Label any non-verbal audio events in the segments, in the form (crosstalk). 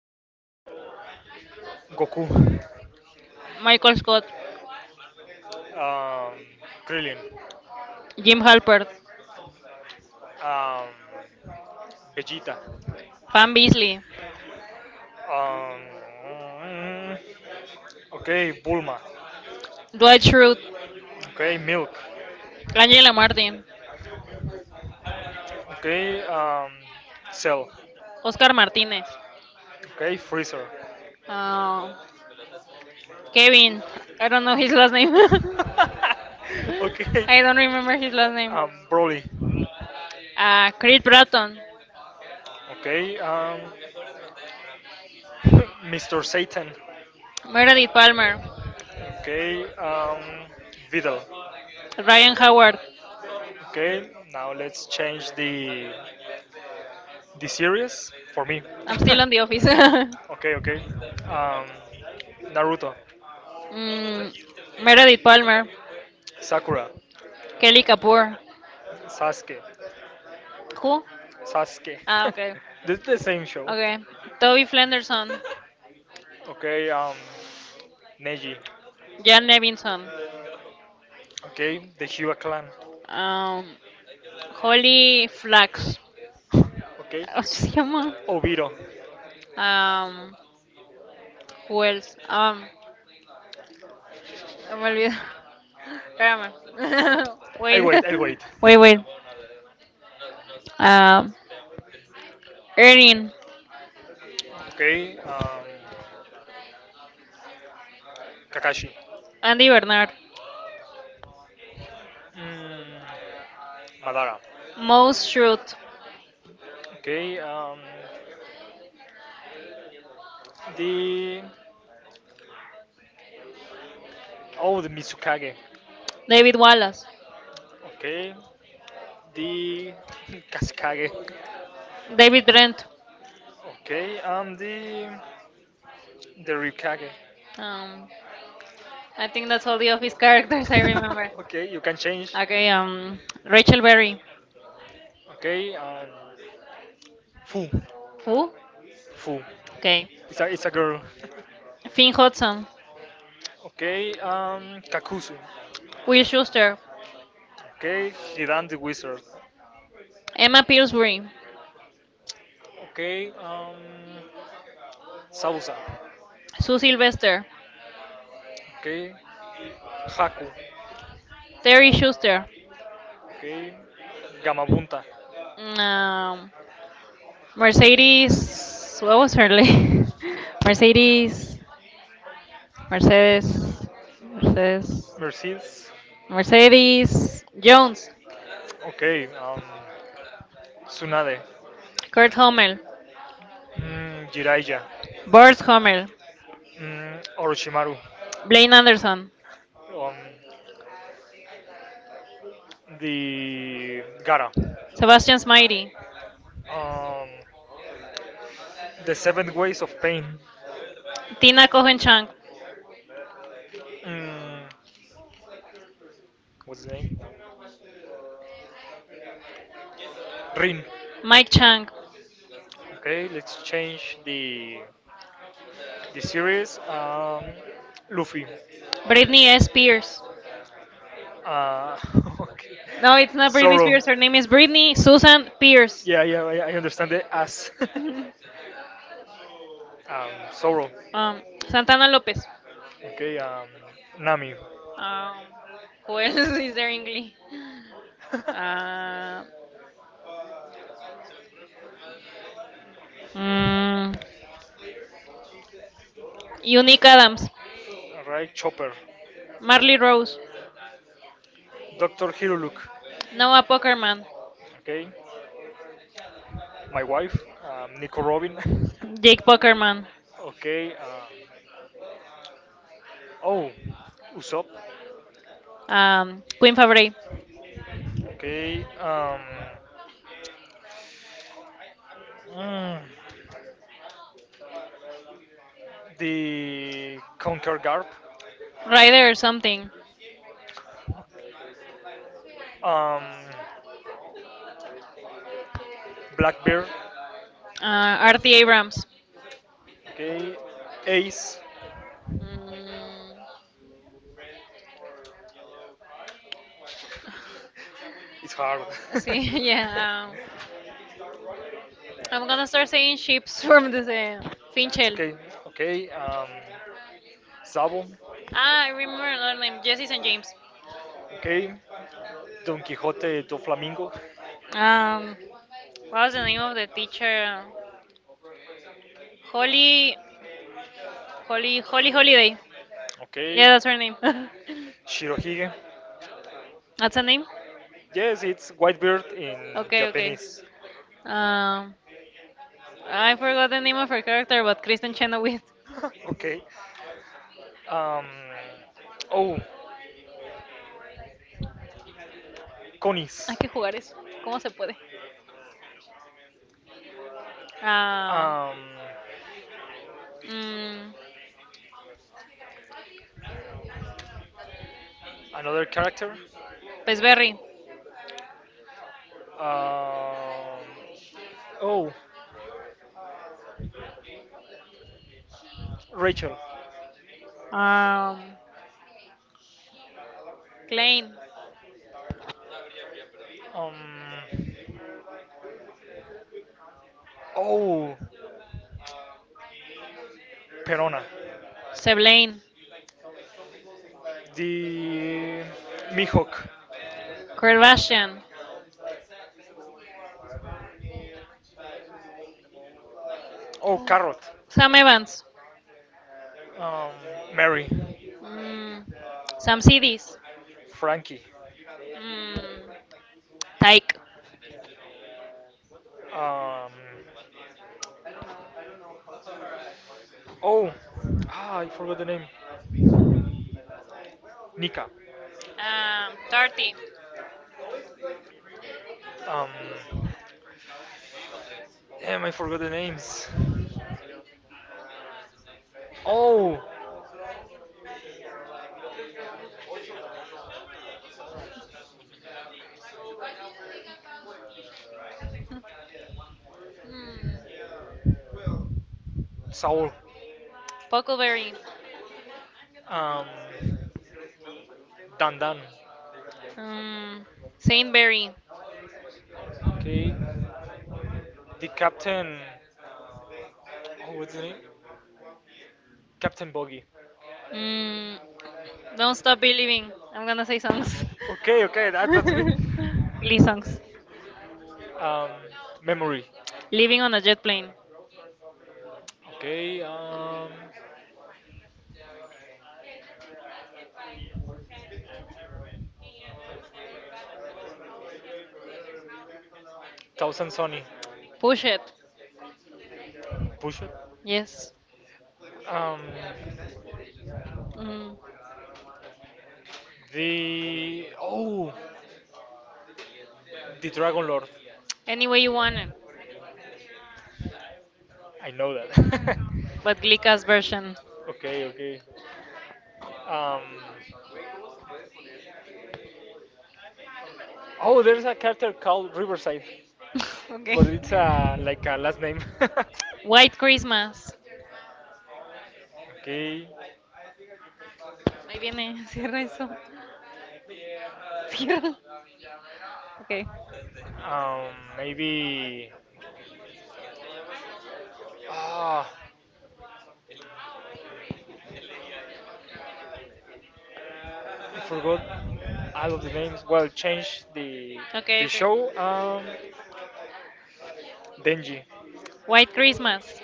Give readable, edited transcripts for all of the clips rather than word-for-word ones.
start with Goku. Michael Scott, Um, Krillin. Jim Halpert, Um, Vegeta. Pam Beasley, Um, mm, okay, Bulma. Dwight Schrute, Okay, Milk. Angela Martin, Okay, Cell. Oscar Martinez, Okay, Freezer. uh, Kevin. Kevin, I I don't don't know know his his last last name. (laughs) name. (laughs) (laughs) okay. I I don't don't remember remember his his last last name. name. Broly. Uh, Creed Bratton, Okay. (laughs) Mr. Satan. Frederick Meredith Palmer, Palmer. Okay. Vidal. Ryan Howard. Okay. Now let's change the series for me. (laughs) I'm still Dylan on the the office. office. (laughs) (laughs) Okay. Okay. Um, Naruto. Mm, Meredith Palmer, Sakura, Kelly Kapoor. Sasuke, Who? Sasuke. Ah, (laughs) okay. this is the same show. Okay. Toby Flenderson, Okay, Neji. Jan Nevinson, Okay, the Shiva clan. um, Holly Flax. (laughs) Okay, (laughs) ¿Cómo se llama? Obito. Um, who else? Me olvido. (laughs) Espérame. (laughs) I wait. wait, I wait. (laughs) Wait, wait. Um, Erin, Okay, Kakashi. Andy Bernard, Mm, Madara. Moe Shroot, Okay, the oh the Mitsukage. David Wallace, Okay, the (laughs) Kasukage. David Brent. Okay, the Ryukage. Um, I think that's all the office (laughs) characters I remember. (laughs) okay, you can change. Okay, Rachel Berry. Okay, Fu. Who? Fu. Okay. It's a girl. (laughs) Finn Hudson, Okay, Kakuzu. Will Schuster, Okay, Hidan the Wizard. Emma Pillsbury, Okay, Sausa. Sue Sylvester, Okay, Haku. Terry Schuster, Okay, Gamabunta. mm, um, Mercedes. What was her name? (laughs) Mercedes. Mercedes. Mercedes. Mercedes. Mercedes Jones, Okay. Tsunade. Kurt Hummel, Jiraiya. Burt Hummel, Orochimaru. Blaine Anderson, Um, the Gara. Sebastian Smighty, Um, the Seven Ways of Pain. Tina Cohen Chang, Mm, what's the name? Rin. Mike Chang, Okay, let's change the series. Luffy. Brittany S. Pierce, Uh, (laughs) okay. no, it's not Britney Zoro. Spears. Her name is Britney Susan Pierce. Yeah, yeah, I understand it as (laughs) (laughs) Zoro. um, Santana Lopez. Okay, Nami. Um, who else (laughs) is there in Glee? (laughs) Uh, mm, Unique Adams. Alright, Chopper. Marley Rose. Dr. Hiruluk. Noah Pokerman. Okay. My wife, Nico Robin. Jake (laughs) Pokerman. okay. Oh, Usopp. Queen Favre. Okay. Mm, the Conquer Garp. Ryder or something. Um, Blackbeard. Uh, Artie Abrams. Okay. Ace. Mm, It's hard. (laughs) (laughs) See. (laughs) yes, I'm yeah. I'm gonna gonna start start saying saying ships (laughs) chips from from the this that's picture. Finchel. Okay. Picture. Okay. Sabo. Ah, I Ah, I remember remember another another name, name, Jesse Jesse St. St. James. James. Okay. Don Quijote do Flamingo. What was Um, what was the the name name of of the the teacher? teacher? Holly, Holly, Holly, Holly Holly Holiday. Holiday. Okay. Yeah, Yeah, that's that's her her name. name. (laughs) (laughs) Shirohige. that's her name. Yes, it's white bird in Okay, okay. Japanese. Um, I forgot the name of her character, (laughs) but Kristen Chenoweth. okay. Um. Oh, (laughs) Hay conies. que jugar eso. ¿Cómo se puede? Um, Ah, Um. mm, Another character. Pues Pesberry. Um. Oh, Rachel. Um, Klein. Um. Oh, Perona. Seblaine. The Mihawk. Kardashian. Oh, Carrot. Sam Evans. Um, Mary. Mm, Sam CDs. Frankie. Mm, Tyke. Um. Oh, I forgot the name. Nika. Tarty. Um, damn, I forgot the names. Oh, Mm, Saul. Puckleberry. Um, Dan Dan. Um, Saintberry. Okay. The captain. Oh, what's the name? Captain Boggy. Mm, don't stop believing. I'm gonna say songs. Okay, okay, that's good. (laughs) Glee songs. Um, memory. Living on a jet plane. Okay, Thousand Sony. Push it. Push it. Yes. Um, Mm, the oh, the Dragon Lord. any way you want it. I know that. But Glika's version. (laughs) okay, okay. Um, oh, there's a character called Riverside. (laughs) Okay. But it's a like a last name. (laughs) White Christmas. okay. Ahí viene, (laughs) cierra eso. Cierra. Okay. Um, maybe. Ah, I forgot all of the names. Well, change the Okay, the okay. show. Denji, White Christmas.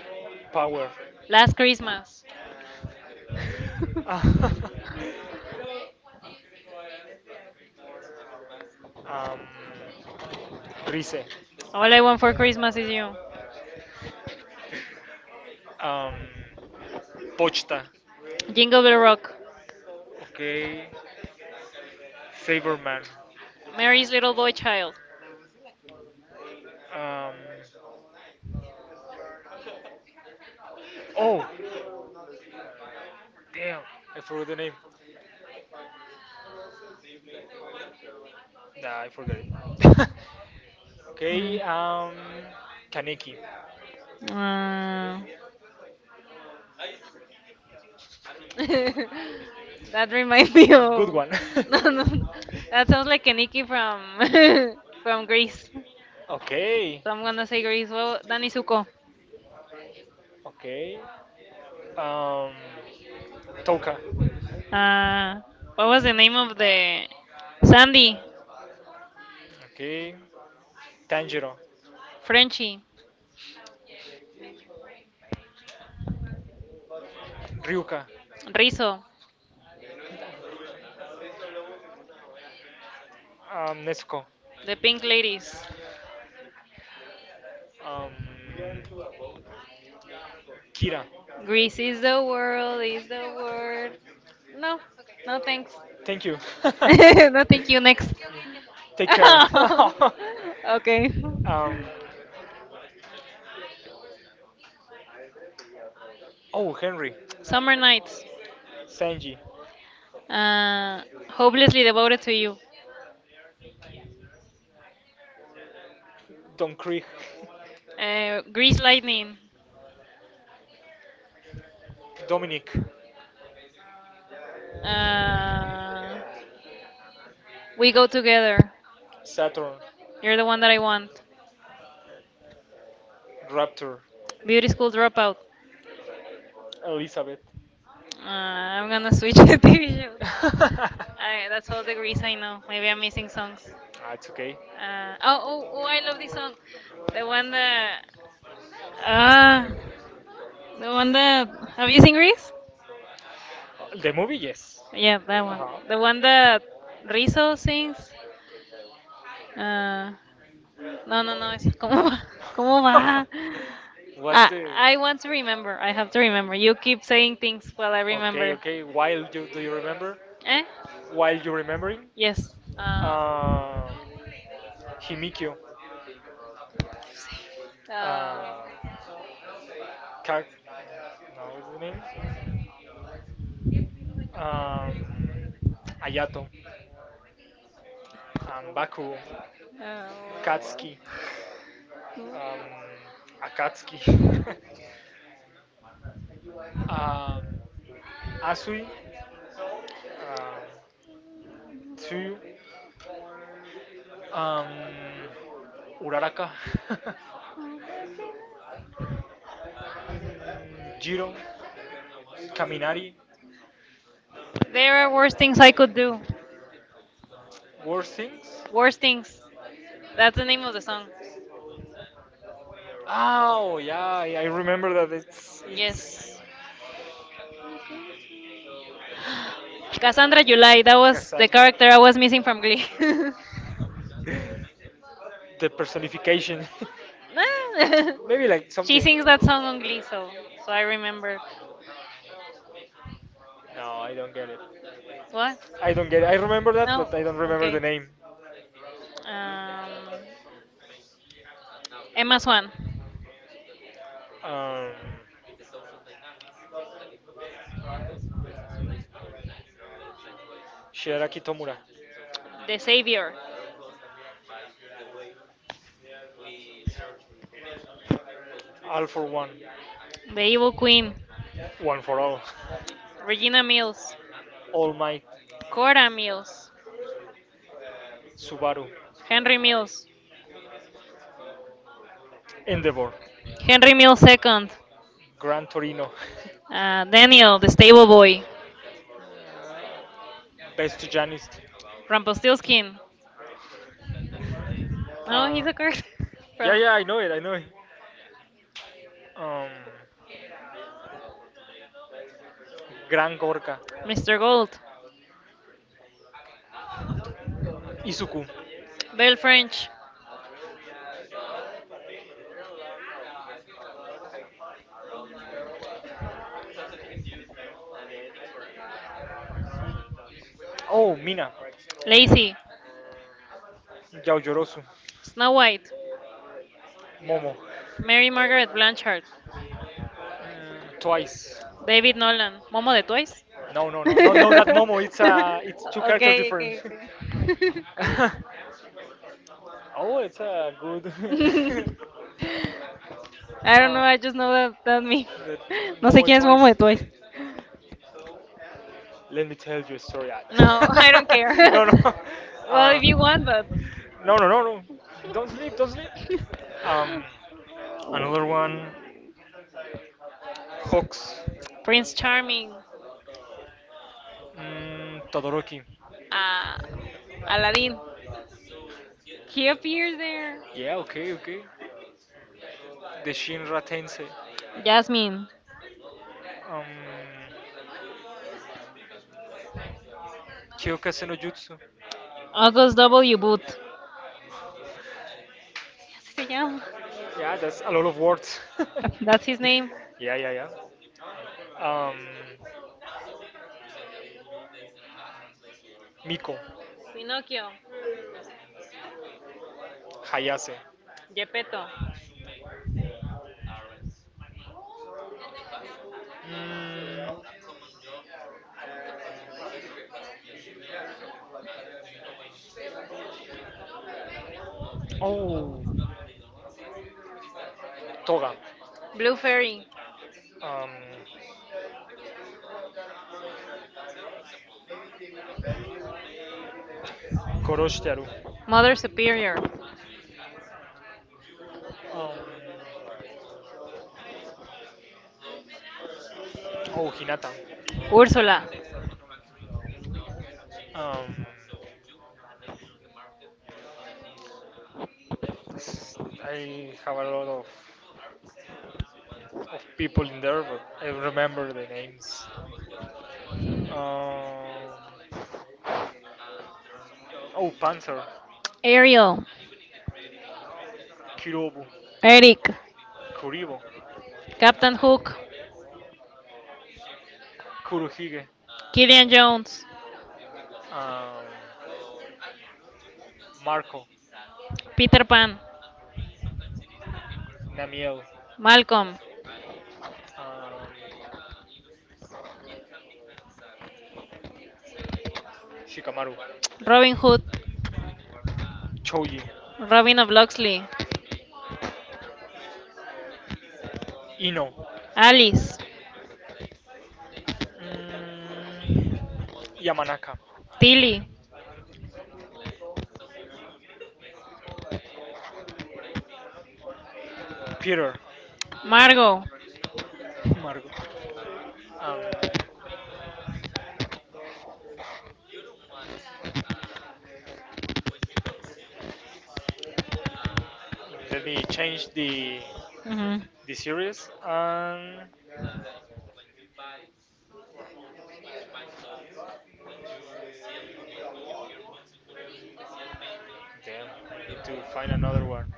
Power. Last Christmas. (laughs) (laughs) um, Rize. All I want for Christmas is you. Um, Pochta. Jingle Bell Rock. Okay. Saberman. Mary's Little Boy Child. Um, oh, damn. I forgot the name. Nah, I forgot it. (laughs) Mm. okay, Kaneki. Uh, (laughs) (laughs) that that reminds reminds me me of of. Good (laughs) one. (laughs) (laughs) no, no, no. That that sounds sounds like like an Nikki Kaniki from (laughs) from (laughs) from from Greece. Greece. Okay. So So I'm I'm gonna gonna say say Greece. well, Well, Dani Dani Suko. Suko. Okay. Um, Toka. Uh, what was the name of the Sandy, Okay. Tanjiro. French. Frenchy, Ryuka. Rizzo, Nezuko. the Pink Ladies? Um, Kira, Greece is the world, is the word. No, no thanks. thank you. (laughs) (laughs) no, thank you. Next. Take care. (laughs) okay. (laughs) um, oh, Henry, Summer nights. Sanji, Uh, hopelessly devoted to you. Don Krieg, Grease Lightning. (laughs) Dominic. Uh, we go together. Saturn, You're the one that I want. Raptor, Beauty School Dropout. Elizabeth. Uh, I'm gonna switch (laughs) the TV shows. (laughs) That's all the Grease I know. Maybe I'm missing songs. Ah, it's okay. Oh, oh, oh, I love this song. The one that. Ah, the one that. Have you seen Grease? The movie, yes. Yeah, that Yeah, one. uh-huh. (laughs) the The one one that that Rizzo Rizzo sings. sings. Uh, No, No, no, no, no, esa- ¿cómo va? (laughs) ¿Cómo (laughs) what's oh va? the? I Ah, I want want to to remember. remember. I have to remember. You keep saying things while I Well, okay, remember. okay. While you do you remember? Eh? Eh? While you remembering? Yes. Um, Uh, Himikyo. uh, Uh, Ka- no, what's the name? Um, Ayato. Bakuo. uh, Katsuki. Akatsuki, (laughs) um, Asui, um, Tsuyu, um, Uraraka, (laughs) Jiro, Kaminari, there are worse things I could do. War Things. Worse things. That's the name of the song. Oh yeah, yeah, I remember that. It's Yes. it's (gasps) Cassandra July. That was the Cassandra. character I was missing from Glee. (laughs) (laughs) the personification. (laughs) (laughs) Maybe like she something. sings that song on Glee, so I remember. No, I don't get it. What? I don't get it. I remember that, No. but I don't remember Okay. the name. Um, Emma Swan, Um, Shigaraki Tomura. The Savior, All for one. The Evil Queen, One for all. Regina Mills, (laughs) All Might. Cora Mills, Subaru. Henry Mills, Endeavor. Henry Mills the second. Gran Torino. (laughs) Daniel, The Stable Boy, Best Janist. Rumpelstiltskin. No, Uh, he's a card (laughs) yeah, from yeah, I know it, I know it. Um, Gran Gorka. Mr. Gold, Izuku. Belle French, Oh, Mina. Lacey, Yaojorosu. Snow White, Momo. Mary Margaret Blanchard. Twice. David Nolan, Momo de Twice. No, no, (laughs) no, no, okay, no. That Momo. It's two characters okay, different. okay. (laughs) oh, it's a good. (laughs) (laughs) I don't I don't know, know, I I just just know know that that me. that. (laughs) (laughs) No sé Momo. quién es Can Momo de Twice. Let me tell you a story. No, (laughs) I don't care. (laughs) No, no, no. Well, (laughs) (laughs) well, Uh, if you want, but no, no, no, no. Don't sleep. Don't sleep. Um, (laughs) another one. Hawks. Prince Prince Charming, Charming, Todoroki. Uh, Aladdin. He He appeared appears there. there. Yeah, okay, okay. The Shinra Tensei. Yes. Jasmine, Um, Kyokase no Jutsu. August W. Booth. Uh, Así se yeah. llama. Yeah, that's a lot of words. (laughs) That's That's his his name. name. Yeah, yeah, yeah. Um, Miko. Pinocchio. Pinocchio, Hayase. Geppetto. Geppetto, Mm, oh, Toga. Blue Blue Fairy. Fairy, Um, Koroshtaru. Mother Superior, Um, oh, Hinata. Ursula, Um, s- I have a lot of people in there, but I remember the names. Um, oh, Panther, Ariel, Kirobu, Eric, Kuribo, Captain Hook, Kuruhige, Killian Jones, um, Marco, Peter Pan, Namiel, Malcolm, um, Shikamaru, Robin Hood, Choji, Robin of Loxley, Ino, Alice, mm, Yamanaka, Tilly, Peter, Margot, Margot. Um, let me change the mhm, the series and then I need to find another one.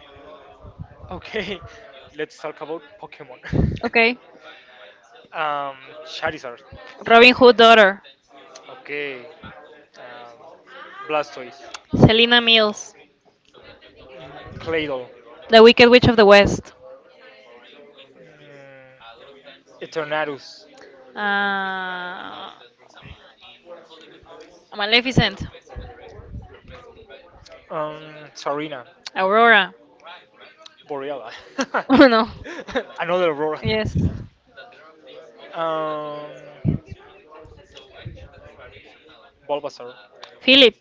Okay, (laughs) let's talk about Pokemon. okay, (laughs) um, Charizard. Robin Hood daughter, Okay. Um, Blastoise. Selina Mills, Claydol. The Wicked Witch of the West, Mm, Eternatus. uh, Maleficent, Um, Sarina. Aurora, Boreala. (laughs) oh no. (laughs) Another Aurora. Yes. Um, Bulbasaur. Philip,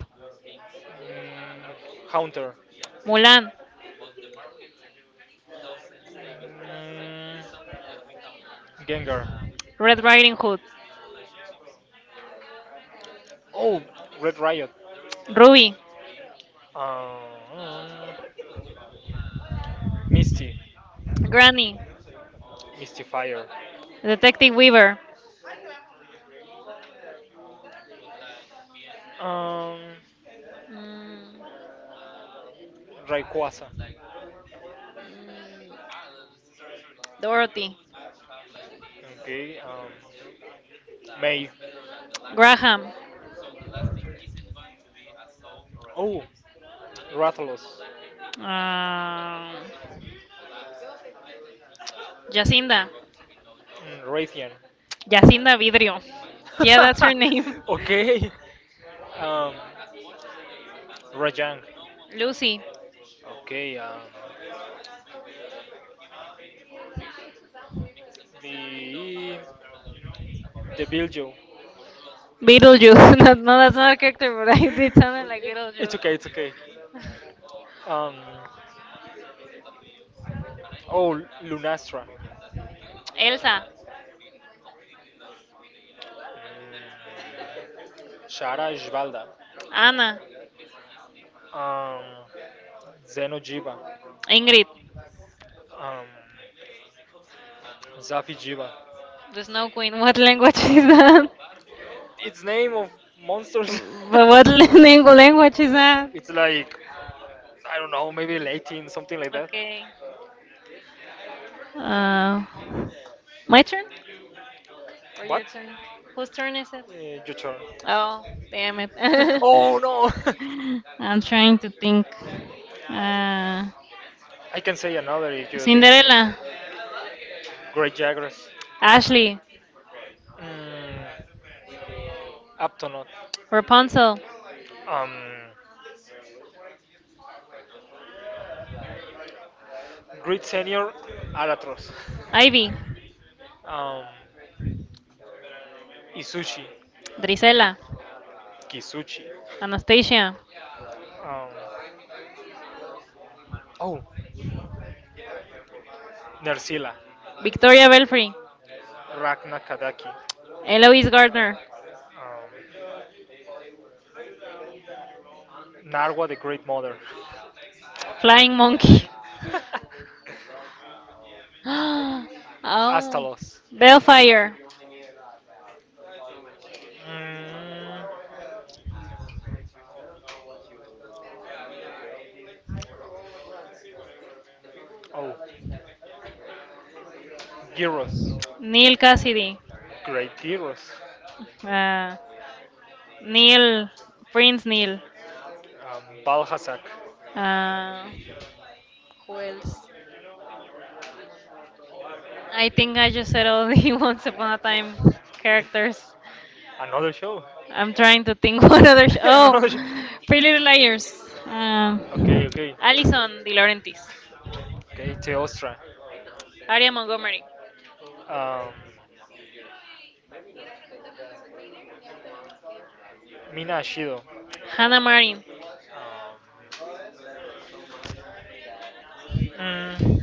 Mm, Haunter. Mulan, Mm, Gengar. Red Riding Hood, Oh, Red Riot. Ruby, Um, Misty. Granny, Misty Fire. Detective Weaver, Um, mm, Rayquaza. mm, Dorothy, Okay. May. Graham, Oh, Rathalos. um, Jacinda, Raytheon. Jacinda Vidrio. Yeah, that's her name. (laughs) okay. Um, Rajang. (laughs) Lucy, Okay. The the Biljo. (laughs) Beetlejuice. (laughs) no, no, that's not a character, but I did something Well, like it's Beetlejuice. okay. It's okay. (laughs) Um. Oh, Lunastra. Mm, Elsa, Shara Jvalda. Anna, um, Zeno Giba, Ingrid, um, Zafi Giba. the Snow Queen. What language (laughs) is that? Its name of monsters. But what (laughs) ling- language is (laughs) that? it's like I don't know, maybe Latin, something like that. Okay. Uh, my turn? Or What? your turn? Whose turn is it? Your turn. Oh, damn it. (laughs) oh (laughs) no! (laughs) I'm trying to think. Uh, I can say another if you think. Cinderella, Great Jaguars. Ashley, Mm, Aptonaut. Rapunzel, Um, Great Senior Albatros. (laughs) Ivy, Um, Izuchi. Drisella, Kisuchi. Anastasia, Um, oh, Nersila. Victoria Belfry, Ragna Kadaki. Eloise Gardner, Um, Narwa the Great Mother. Flying Monkey. (laughs) (gasps) oh, Astalos. Bellfire, Mm, oh, gyros. Neil Cassidy, Great gyros. uh, Neil Prince Neil. Balhasak. Uh, who else? I think I just said all the (laughs) Once Upon a Time characters. Another show. I'm trying to think (laughs) what other. Sh- (laughs) oh, Another show. Pretty Little Liars. Um, Okay, okay. Alison De Laurentiis, Okay, Teostra. Aria Montgomery, Um, Mina Ashido. Hannah Marin, Um, mm,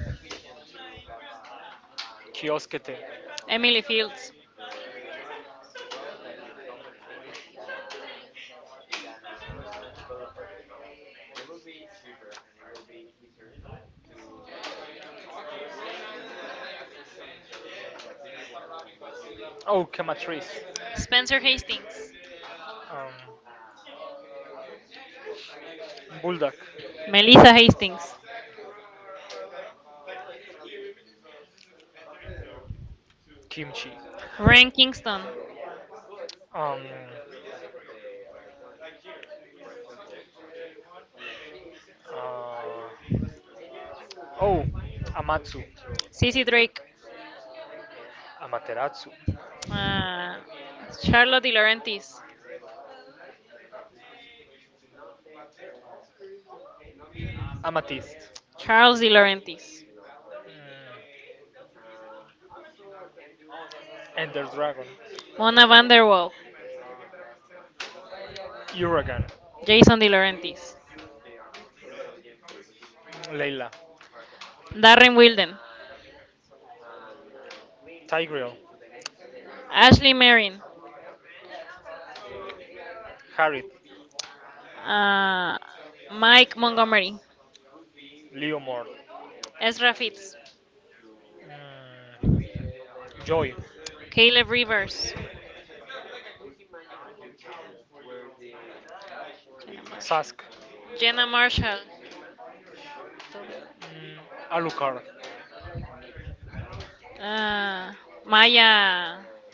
Kioskete. Emily Fields, Oh, Kamatrice. Spencer Hastings, Um, Bulldog. Melissa Hastings, Kimchi. Ren Kingston, Um, uh, oh, Amatsu. Sissy Drake, Amaterasu. ah, Charlotte De Laurentiis, Amethyst. Charles De Laurentiis, Mm, Ender Dragon. Mona Vanderwall, Uragan. Jason De Laurentiis, Leila. Darren Wilden, Tigreal. Ashley Marin, Harriet. ah, Mike Montgomery, Leomord. Ezra Fitz, Mm, Joy, Caleb Rivers, Jenna Marshall, Sask, Jenna Marshall, mm, Alucard, ah, Maya,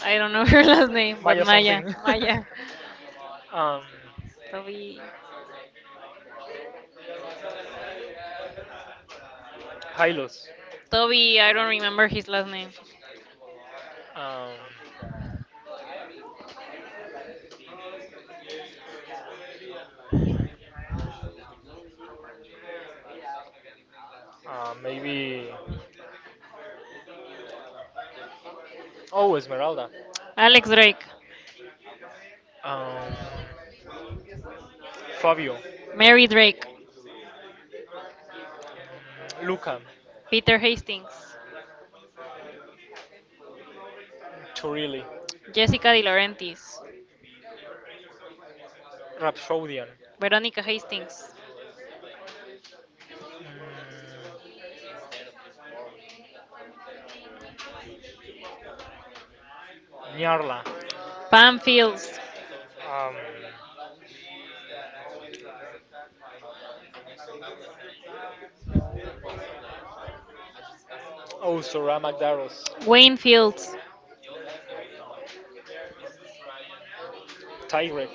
I don't know (laughs) her last name, but Maya Maya, something, Maya, (laughs) um, Toby. Hylos, Toby, I don't remember his last name. um, maybe. Oh, Esmeralda, Alex Drake, um, Fabio, Mary Drake, Lucan, Peter Hastings, Turili, Jessica De Laurentiis, Rhapsodian, Veronica Hastings, mm, Nyarla, Pam Fields, um, Osora Magdaros, Wayne Fields, Tigrex,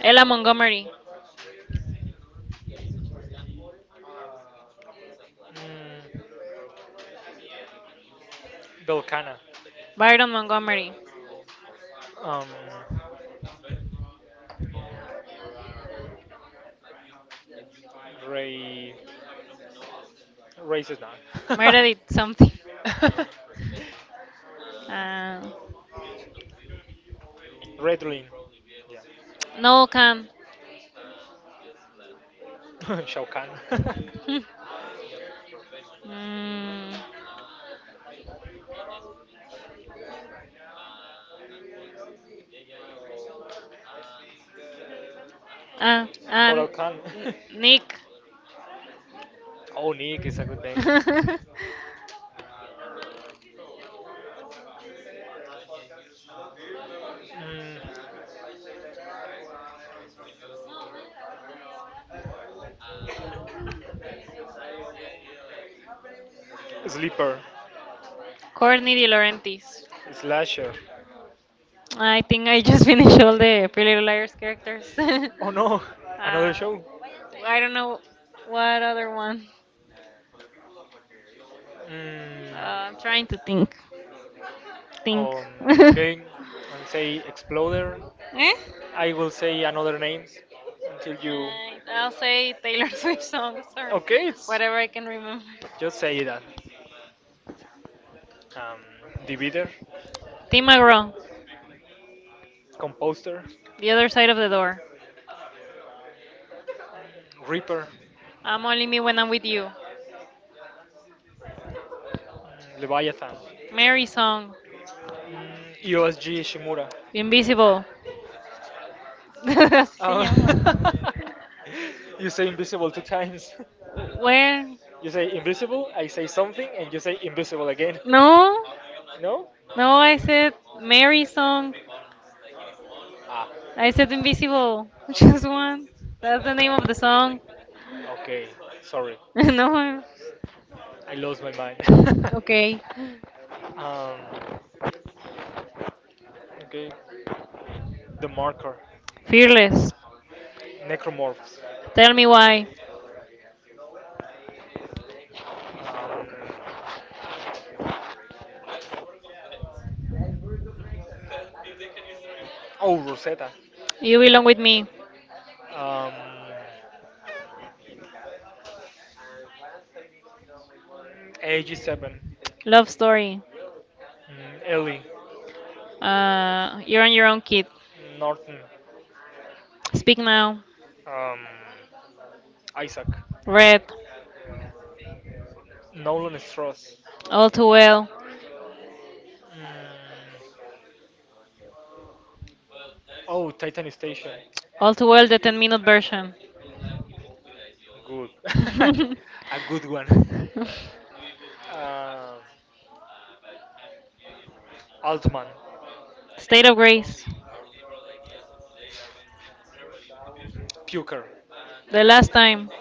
Ella Montgomery, mm, Belcana, Byron Montgomery, um, Grey Racist now. Meredith something, (laughs) uh, (laughs) Red Lin. Yeah. Noel Kahn, (laughs) Shao Kahn. (laughs) (laughs) mm, Koral and Khan. (laughs) Nick, oh, Nick is a good name. (laughs) (laughs) Mm, Sleeper. Courtney De Laurentiis, Slasher. I think I just (laughs) finished all the Pretty Little Liars characters. (laughs) Oh no, (laughs) another show. I don't know what other one. Mm, Uh, I'm trying to think. Think. um, (laughs) eh? okay, I will say Exploder. I will say another names until you. Uh, I'll say Taylor (laughs) Swift songs or Okay, it's whatever I can remember. just say that. Um, divider, Tim McGraw, Composter. The Other Side of the Door. Reaper, I'm Only Me When I'm With You. Leviathan, Mary Song, EOSG Shimura. Invisible. (laughs) Así se llama. Um, (laughs) you say invisible two times. Where? You say invisible, I say something, and you say invisible again. No, (laughs) no? no, I said Mary Song. Ah, I said Invisible. (laughs) Just one. That's the name of the song. okay, sorry. (laughs) no. I I lost my mind. (laughs) Okay. um, okay, the marker, Fearless. necromorphs. Tell me why. Um, oh, Rosetta. You belong with me. Um, AG7, Love story. Ellie, You're on your own, kid. Norton, Speak now. um, Isaac, Red. Nolan Strauss. All too well. Mm. Oh, Titan Station. All too well. The 10-minute version. Good. (laughs) A good (laughs) one. (laughs) Uh, Altman. State of grace. Puker. The last time.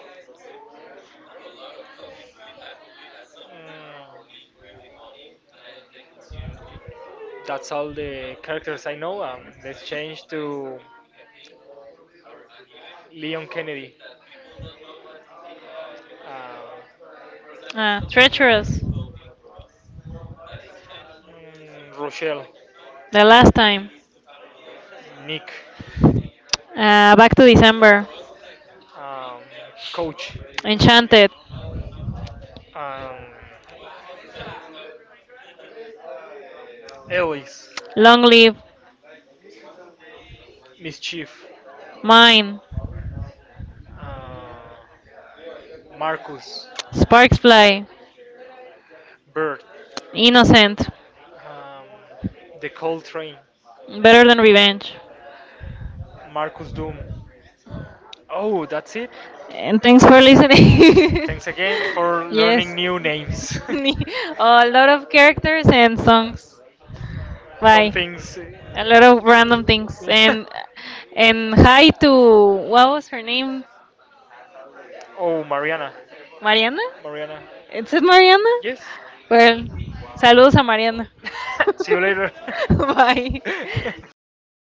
Mm. That's all the characters I know. Let's change to Leon Kennedy. Um, Ah, treacherous. Rochelle. The last time. Nick, Back to December. um, Coach, Enchanted. um, Alice, Long live. Mischief, Mine. uh, Marcus, Sparks fly. Bert, Innocent. um, The Cold Train, Better than revenge. Marcus Doom. Oh, that's it. And thanks for listening. Thanks again for (laughs) learning yes. new names. (laughs) a lot of characters and songs. (laughs) Some Bye. things A lot of random things. And (laughs) and hi to what was her name? oh, Mariana. Mariana? Mariana. Is it Mariana? Yes. Well, saludos a Mariana. (laughs) See you later. (laughs) Bye. (laughs)